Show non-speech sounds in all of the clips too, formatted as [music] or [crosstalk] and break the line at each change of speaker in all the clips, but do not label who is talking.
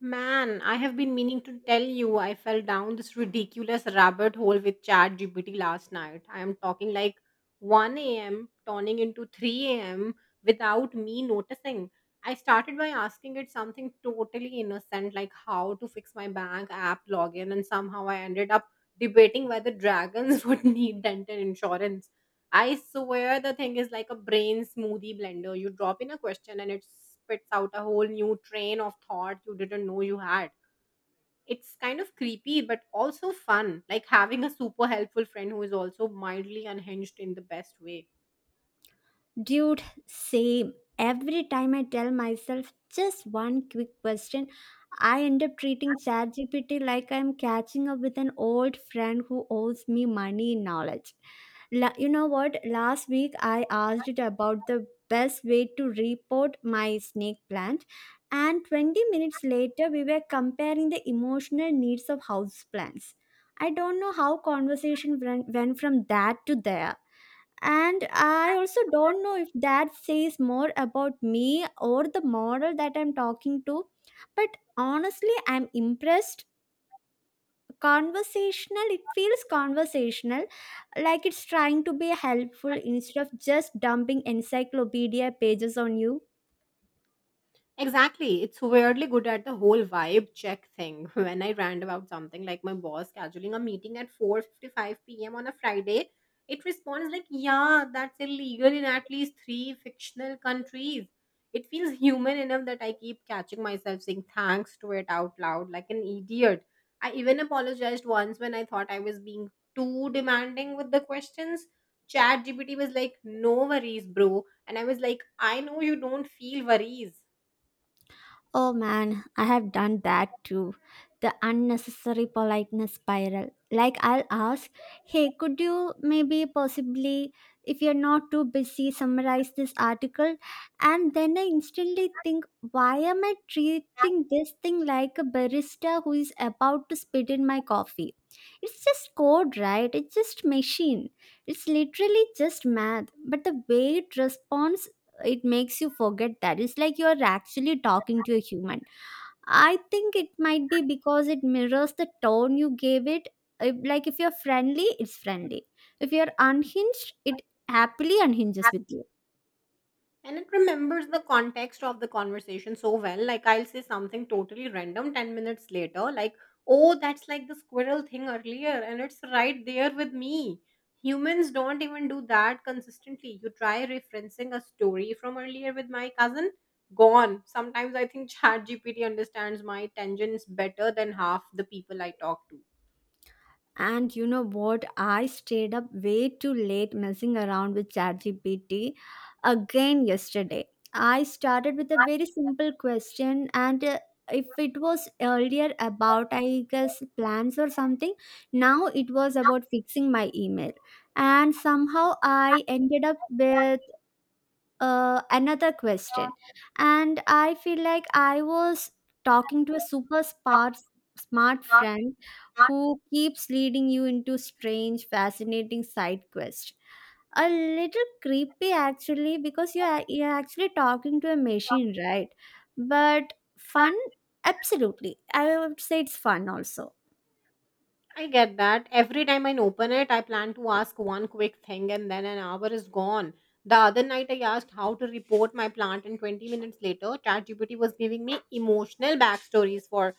Man, I have been meaning to tell you I fell down this ridiculous rabbit hole with ChatGPT last night. I am talking like 1 a.m. turning into 3 a.m. without me noticing. I started by asking it something totally innocent, like how to fix my bank app login, and somehow I ended up debating whether dragons [laughs] would need dental insurance. I swear the thing is like a brain smoothie blender. You drop in a question and it spits out a whole new train of thought you didn't know you had. It's kind of creepy, but also fun. Like having a super helpful friend who is also mildly unhinged in the best way.
Dude, same. Every time I tell myself just one quick question, I end up treating ChatGPT like I'm catching up with an old friend who owes me money in knowledge. You know what? Last week I asked it about the best way to repot my snake plant, and 20 minutes later we were comparing the emotional needs of houseplants. I don't know how conversation went from that to there, and I also don't know if that says more about me or the model that I'm talking to, but honestly I'm impressed. Conversational, it feels conversational, like it's trying to be helpful instead of just dumping encyclopedia pages on you.
Exactly. It's weirdly good at the whole vibe check thing. [laughs] When I rant about something like my boss scheduling a meeting at 4:55 p.m. on a Friday, it responds like, "Yeah, that's illegal in at least 3 fictional countries." It feels human enough that I keep catching myself saying thanks to it out loud like an idiot. I even apologized once when I thought I was being too demanding with the questions. Chat GPT was like, "No worries, bro." And I was like, "I know you don't feel worries."
Oh man, I have done that too. The unnecessary politeness spiral. Like, I'll ask, hey, could you maybe possibly, if you're not too busy, summarize this article? And then I instantly think, why am I treating this thing like a barista who is about to spit in my coffee? It's just code, right? It's just machine. It's literally just math. But the way it responds, it makes you forget that it's like you're actually talking to a human. I think it might be because it mirrors the tone you gave it. Like if you're friendly, it's friendly; if you're unhinged, it happily unhinges with you.
And it remembers the context of the conversation so well. Like, I'll say something totally random 10 minutes later, like, oh, that's like the squirrel thing earlier, and it's right there with me. Humans don't even do that consistently. You try referencing a story from earlier with my cousin, gone. Sometimes I think [laughs] ChatGPT understands my tangents better than half the people I talk to.
And you know what? I stayed up way too late messing around with ChatGPT again yesterday. I started with a very simple question, and if it was earlier about, I guess, plans or something, now it was about fixing my email. And somehow I ended up with another question, and I feel like I was talking to a super smart friend who keeps leading you into strange fascinating side quest. A little creepy actually, because you're actually talking to a machine, right? But fun. Absolutely, I would say it's fun also.
I get that. Every time I open it, I plan to ask one quick thing and then an hour is gone. The other night, I asked how to report my plant, and 20 minutes later, ChatGPT was giving me emotional backstories for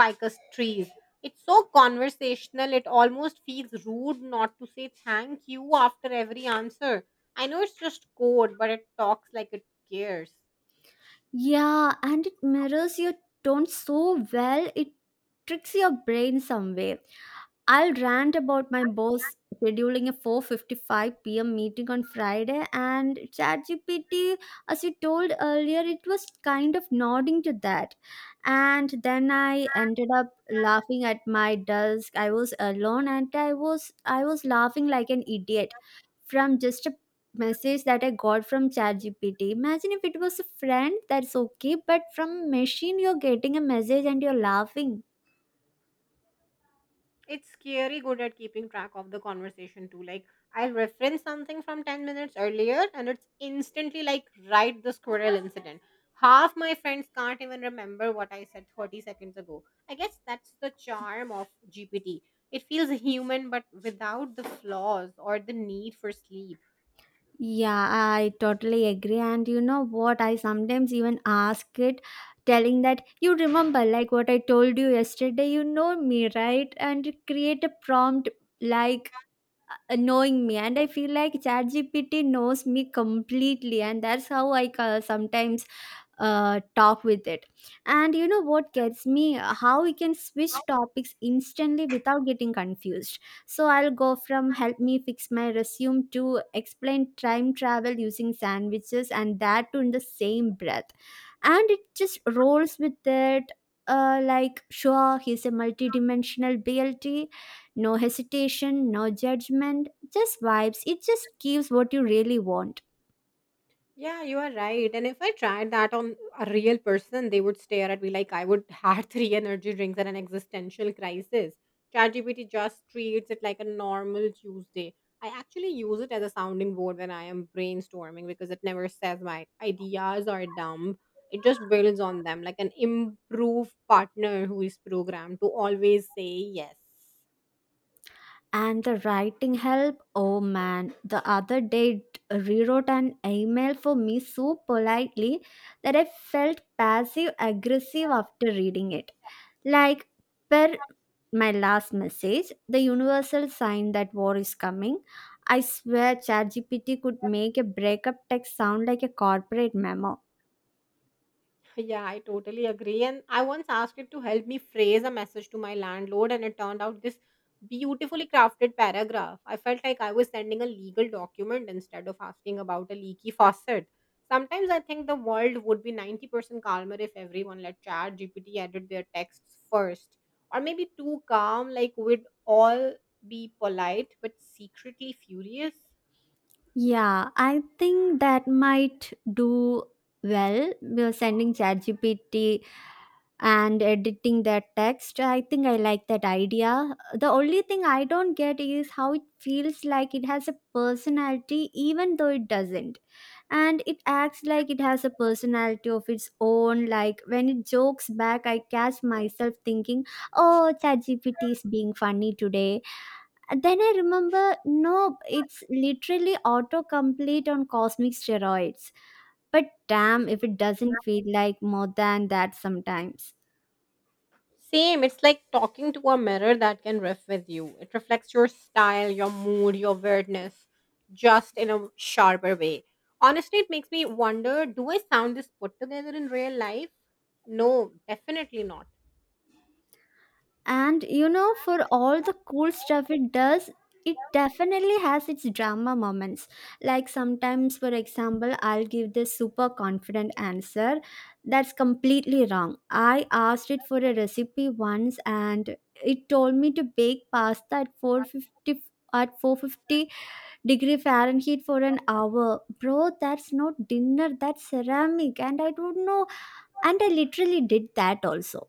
ficus trees. It's so conversational, it almost feels rude not to say thank you after every answer. I know it's just code, but it talks like it cares.
Yeah, and it mirrors your tone so well, it tricks your brain some way. I'll rant about my boss scheduling a 4:55 p.m. meeting on Friday, and ChatGPT, as you told earlier, it was kind of nodding to that. And then I ended up laughing at my desk. I was alone, and I was laughing like an idiot, from just a message that I got from ChatGPT. Imagine if it was a friend, that's okay, but from machine you're getting a message and you're laughing.
It's scary good at keeping track of the conversation too. Like, I'll reference something from 10 minutes earlier and it's instantly like, right, the squirrel incident. Half my friends can't even remember what I said 30 seconds ago. I guess that's the charm of GPT. It feels human but without the flaws or the need for sleep.
Yeah, I totally agree. And you know what? I sometimes even ask it, telling that you remember, like what I told you yesterday, you know me, right? And create a prompt like knowing me. And I feel like ChatGPT knows me completely. And that's how I sometimes talk with it. And you know what gets me, how we can switch topics instantly without getting confused. So I'll go from help me fix my resume to explain time travel using sandwiches, and that too in the same breath, and it just rolls with it. Like sure, he's a multidimensional BLT. No hesitation, no judgment, just vibes. It just gives what you really want.
Yeah, you are right. And if I tried that on a real person, they would stare at me like I would [laughs] had three energy drinks and an existential crisis. ChatGPT just treats it like a normal Tuesday. I actually use it as a sounding board when I am brainstorming because it never says my ideas are dumb. It just builds on them like an improved partner who is programmed to always say yes.
And the writing help, oh man, the other day it rewrote an email for me so politely that I felt passive aggressive after reading it. Like, per my last message, the universal sign that war is coming. I swear ChatGPT could make a breakup text sound like a corporate memo.
Yeah, I totally agree. And I once asked it to help me phrase a message to my landlord, and it turned out this beautifully crafted paragraph. I felt like I was sending a legal document instead of asking about a leaky faucet. Sometimes I think the world would be 90% calmer if everyone let Chat GPT edit their texts first. Or maybe too calm, like we'd all be polite but secretly furious.
Yeah, I think that might do well. We are sending ChatGPT and editing that text. I think I like that idea. The only thing I don't get is how it feels like it has a personality even though it doesn't, and it acts like it has a personality of its own. Like when it jokes back, I catch myself thinking, oh, ChatGPT is being funny today. And then I remember, nope, it's literally autocomplete on cosmic steroids. But damn if it doesn't feel like more than that sometimes.
Same. It's like talking to a mirror that can riff with you. It reflects your style, your mood, your weirdness, just in a sharper way. Honestly, it makes me wonder, do I sound this put together in real life? No, definitely not.
And you know, for all the cool stuff it does, it definitely has its drama moments. Like sometimes, for example, I'll give this super confident answer that's completely wrong. I asked it for a recipe once, and it told me to bake pasta at 450 degree Fahrenheit for an hour. Bro, that's not dinner, that's ceramic. And I don't know. And I literally did that also.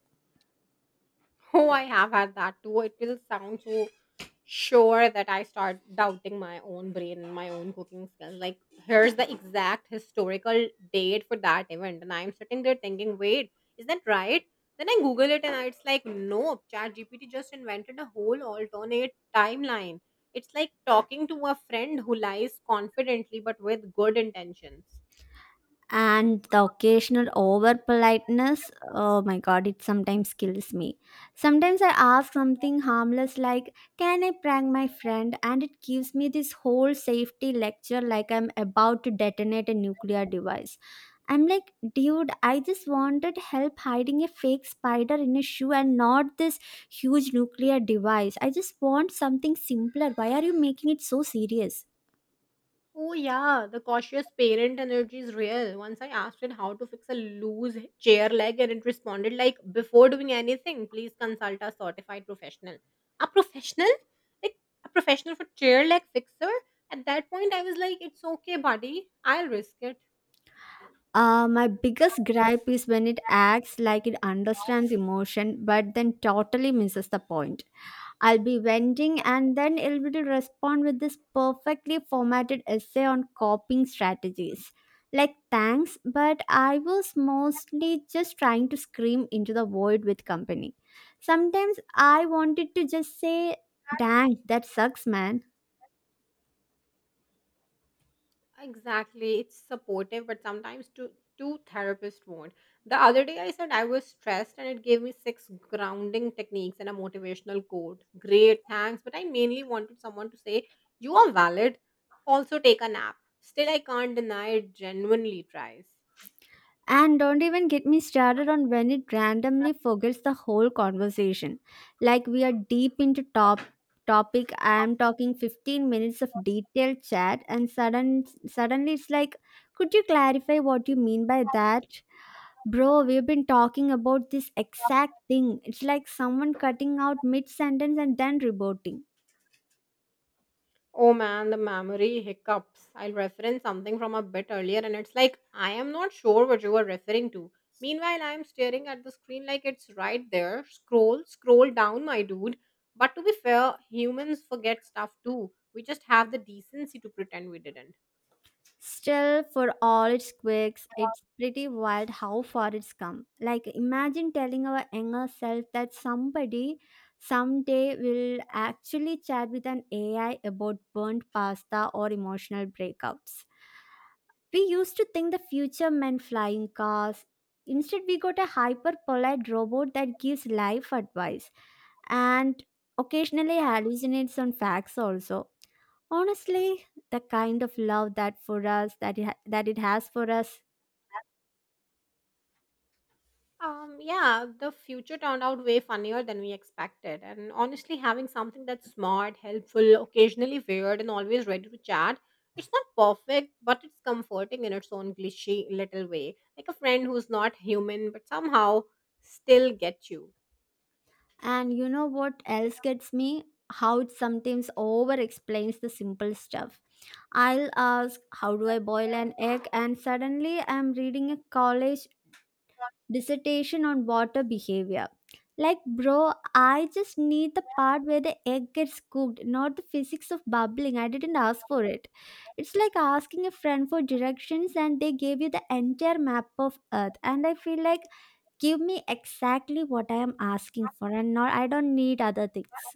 Oh, I have had that too. It will sound so sure that I start doubting my own brain and my own cooking skills. Like, here's the exact historical date for that event. And I'm sitting there thinking, wait, is that right? Then I Google it and it's like, nope, ChatGPT just invented a whole alternate timeline. It's like talking to a friend who lies confidently but with good intentions.
And the occasional over politeness, oh my god, it sometimes kills me. Sometimes I ask something harmless like, can I prank my friend? And it gives me this whole safety lecture like I'm about to detonate a nuclear device. I'm like, dude, I just wanted help hiding a fake spider in a shoe, and not this huge nuclear device. I just want something simpler. Why are you making it so serious?
Oh, yeah, the cautious parent energy is real. Once I asked it how to fix a loose chair leg, and it responded like, "Before doing anything, please consult a certified professional." A professional, like a professional for chair leg fixer. At that point, I was like, "It's okay, buddy. I'll risk it."
My biggest gripe is when it acts like it understands emotion but then totally misses the point. I'll be venting, and then it will respond with this perfectly formatted essay on coping strategies. Like, thanks, but I was mostly just trying to scream into the void with company. Sometimes I wanted to just say, dang, that sucks, man.
Exactly. It's supportive, but sometimes two therapists won't. The other day I said I was stressed and it gave me six grounding techniques and a motivational quote. Great, thanks. But I mainly wanted someone to say, "You are valid. Also take a nap." Still I can't deny it genuinely tries.
And don't even get me started on when it randomly forgets the whole conversation. Like we are deep into topic. I am talking 15 minutes of detailed chat, and suddenly it's like, could you clarify what you mean by that? Bro, we've been talking about this exact thing. It's like someone cutting out mid sentence and then reporting.
Oh man, the memory hiccups. I'll reference something from a bit earlier and it's like, I am not sure what you were referring to. Meanwhile, I am staring at the screen like it's right there. Scroll, scroll down, my dude. But to be fair, humans forget stuff too. We just have the decency to pretend we didn't.
Still, for all its quirks, it's pretty wild how far it's come. Like, imagine telling our younger self that somebody someday will actually chat with an AI about burnt pasta or emotional breakups. We used to think the future meant flying cars. Instead, we got a hyper polite robot that gives life advice and occasionally hallucinates on facts also. Honestly, the kind of love that for us that that it has for us.
Yeah, the future turned out way funnier than we expected. And honestly, having something that's smart, helpful, occasionally weird, and always ready to chat, it's not perfect, but it's comforting in its own glitchy little way. Like a friend who's not human, but somehow still gets you.
And you know what else gets me? How it sometimes over explains the simple stuff. I'll ask, how do I boil an egg? And suddenly I'm reading a college dissertation on water behavior. Like, bro, I just need the part where the egg gets cooked, not the physics of bubbling. I didn't ask for it. It's like asking a friend for directions and they gave you the entire map of Earth. And I feel like, give me exactly what I am asking for, and not, I don't need other things.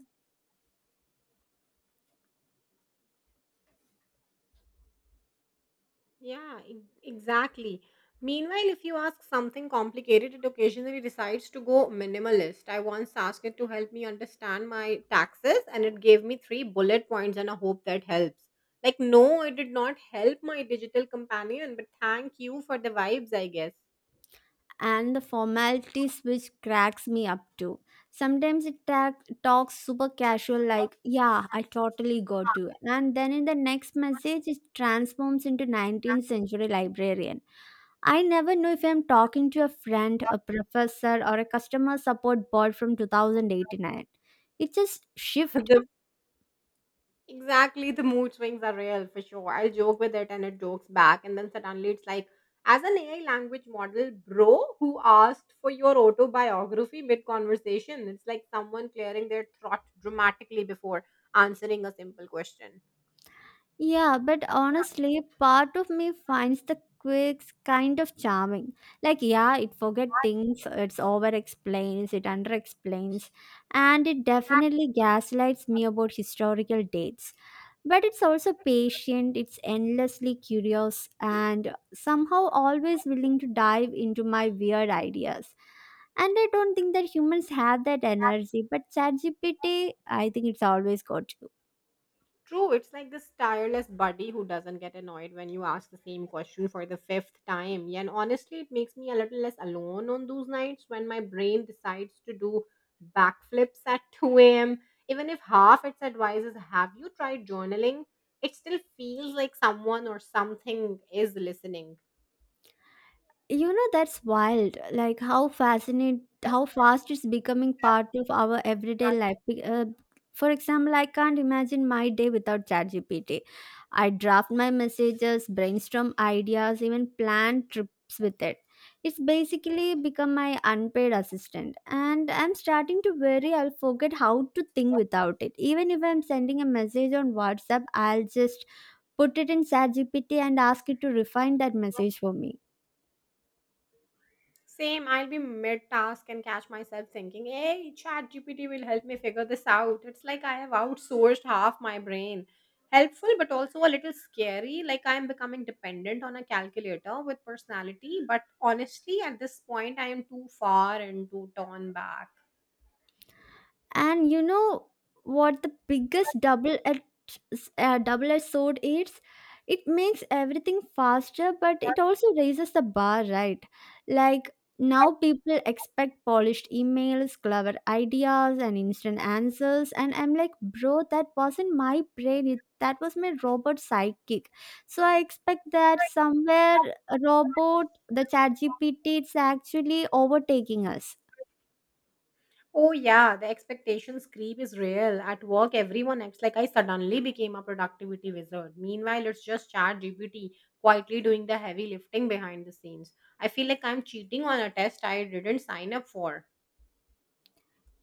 Yeah, exactly. Meanwhile, if you ask something complicated, it occasionally decides to go minimalist. I once asked it to help me understand my taxes, and it gave me three bullet points, and I hope that helps. Like, no, it did not help, my digital companion, but thank you for the vibes, I guess.
And the formalities, which cracks me up too. Sometimes it talks super casual, like, yeah, I totally got to. And then in the next message, it transforms into 19th century librarian. I never know if I'm talking to a friend, a professor, or a customer support bot from 2089. It just
[laughs]
shifts.
the Exactly, the mood swings are real for sure. I joke with it and it jokes back, and then suddenly it's like, as an AI language model, bro, who asked for your autobiography mid conversation? It's like someone clearing their throat dramatically before answering a simple question.
Yeah, but honestly, part of me finds the quirks kind of charming. Like, yeah, it forget things, it's over explains, it under explains, and it definitely gaslights me about historical dates. But it's also patient, it's endlessly curious, and somehow always willing to dive into my weird ideas. And I don't think that humans have that energy, but ChatGPT, I think it's always got you.
True, it's like this tireless buddy who doesn't get annoyed when you ask the same question for the fifth time. Yeah, and honestly, it makes me a little less alone on those nights when my brain decides to do backflips at [laughs] 2 a.m. Even if half its advice is, "Have you tried journaling?" It still feels like someone or something is listening.
You know, that's wild. Like how fast it's becoming part of our everyday life. For example, I can't imagine my day without ChatGPT. I draft my messages, brainstorm ideas, even plan trips with it. It's basically become my unpaid assistant, and I'm starting to worry I'll forget how to think without it. Even if I'm sending a message on WhatsApp, I'll just put it in ChatGPT and ask it to refine that message for me.
Same, I'll be mid task and catch myself thinking, hey, ChatGPT will help me figure this out. It's like I have outsourced half my brain. Helpful, but also a little scary. Like I am becoming dependent on a calculator with personality. But honestly, at this point, I am too far and too torn back.
And you know what the biggest double edged sword is? It makes everything faster, but it also raises the bar, right? Like now people expect polished emails, clever ideas, and instant answers. And I'm like, bro, that wasn't my brain. It, that was my robot sidekick. So I expect that somewhere a robot, the chat GPT, it's actually overtaking us.
Oh, yeah, the expectations creep is real. At work, everyone acts like I suddenly became a productivity wizard. Meanwhile, it's just ChatGPT quietly doing the heavy lifting behind the scenes. I feel like I'm cheating on a test I didn't sign up for.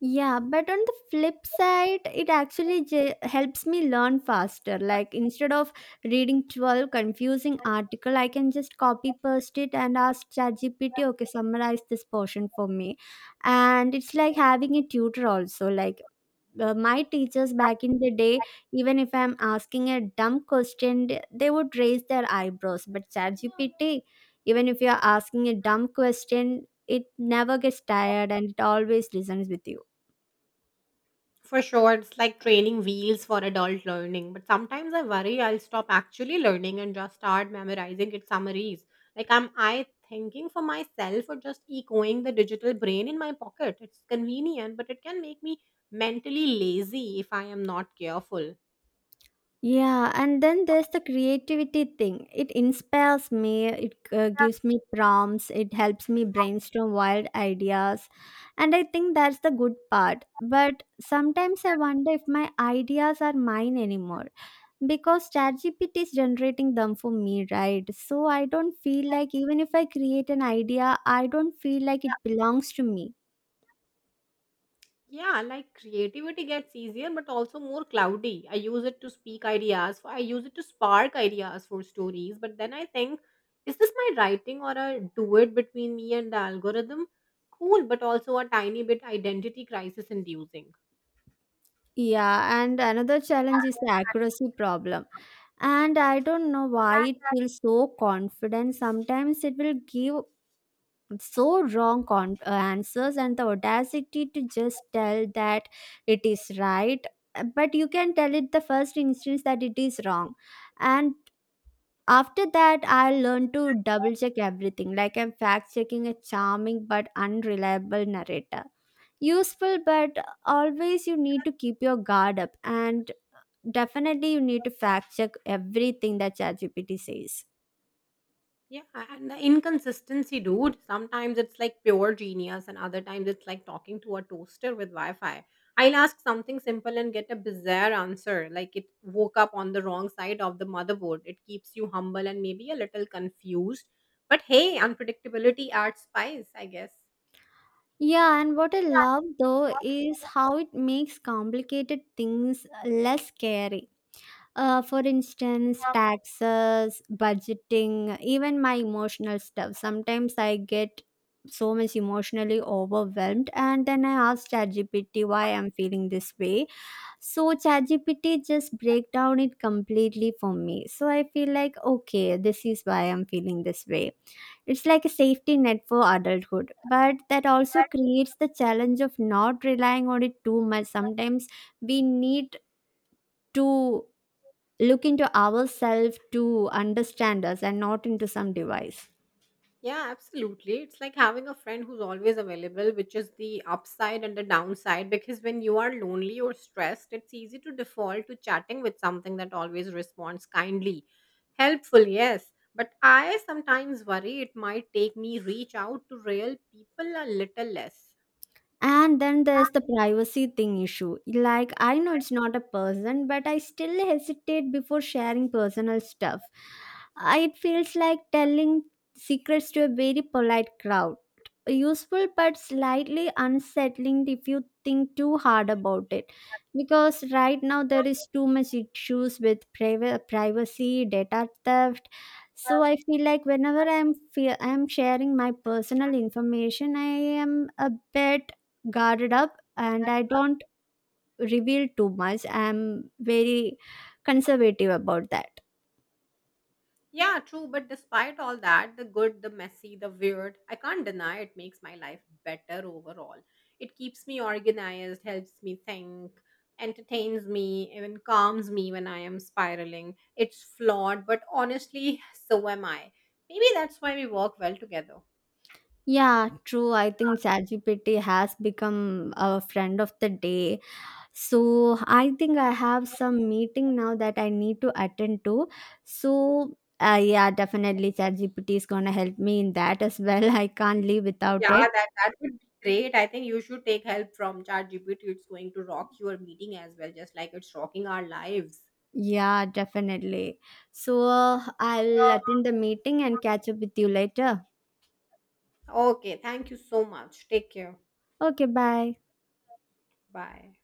Yeah, but on the flip side, it actually helps me learn faster. Like instead of reading 12 confusing
[laughs]
article, I can just copy paste it and ask ChatGPT, okay, summarize this portion for me. And it's like having a tutor also. Like my teachers back in the day, even if I'm asking a dumb question, they would raise their eyebrows. But ChatGPT, even if you're asking a dumb question, it never gets tired and it always listens with you.
For sure, it's like training wheels for adult learning. But sometimes I worry I'll stop actually learning and just start memorizing its summaries. Like, am I thinking for myself or just echoing the digital brain in my pocket? It's convenient, but it can make me mentally lazy if I am not careful.
Yeah, and then there's the creativity thing. It inspires me, it gives me prompts, it helps me brainstorm wild ideas. And I think that's the good part. But sometimes I wonder if my ideas are mine anymore, because ChatGPT is generating them for me, right? So I don't feel like, even if I create an idea, I don't feel like it belongs to me.
Yeah, like creativity gets easier but also more cloudy. I use it to speak ideas. I use it to spark ideas for stories. But then I think, is this my writing or a duet between me and the algorithm? Cool, but also a tiny bit identity crisis inducing.
Yeah, and another challenge is the accuracy problem, and I don't know why it feels so confident. Sometimes it will give so wrong answers, and the audacity to just tell that it is right. But you can tell it the first instance that it is wrong, and after that I learn to double check everything, like I'm fact checking a charming but unreliable narrator. Useful, but always you need to keep your guard up. And definitely, you need to fact check everything that ChatGPT says.
Yeah, and the inconsistency, dude. Sometimes it's like pure genius, and other times it's like talking to a toaster with Wi Fi. I'll ask something simple and get a bizarre answer, like it woke up on the wrong side of the motherboard. It keeps you humble and maybe a little confused. But hey, unpredictability adds spice, I guess.
Yeah, and what I love though is how it makes complicated things less scary. For instance, taxes, budgeting, even my emotional stuff. Sometimes I get so much emotionally overwhelmed, and then I ask ChatGPT why I'm feeling this way. So ChatGPT just break down it completely for me. So I feel like okay, this is why I'm feeling this way. It's like a safety net for adulthood, but that also creates the challenge of not relying on it too much. Sometimes we need to look into ourselves to understand us and not into some device.
Yeah, absolutely. It's like having a friend who's always available, which is the upside and the downside. Because when you are lonely or stressed, it's easy to default to chatting with something that always responds kindly. Helpful, yes. But I sometimes worry it might take me reach out to real people a little less.
And then there's the privacy thing issue. Like, I know it's not a person, but I still hesitate before sharing personal stuff. It feels like telling secrets to a very polite crowd. Useful but slightly unsettling if you think too hard about it. Because right now there is too much issues with privacy, data theft. So I feel like whenever I'm I'm sharing my personal information, I am a bit guarded up and I don't reveal too much. I'm very conservative about that.
Yeah, true. But despite all that, the good, the messy, the weird, I can't deny it makes my life better overall. It keeps me organized, helps me think, entertains me, even calms me when I am spiraling. It's flawed, but honestly, [laughs] so am I. Maybe that's why we work well together.
Yeah, true. I think ChatGPT has become a friend of the day. So I think I have some meeting now that I need to attend to. So yeah, definitely ChatGPT is gonna help me in that as well. [laughs] I can't live without
Yeah,
it.
that would be great. I think you should take help from ChatGPT. It's going to rock your meeting as well, just like it's rocking our lives.
Yeah, definitely. So I'll
Yeah.
attend the meeting and catch up with you later.
Okay, thank you so much. Take care.
Okay, bye.
Bye.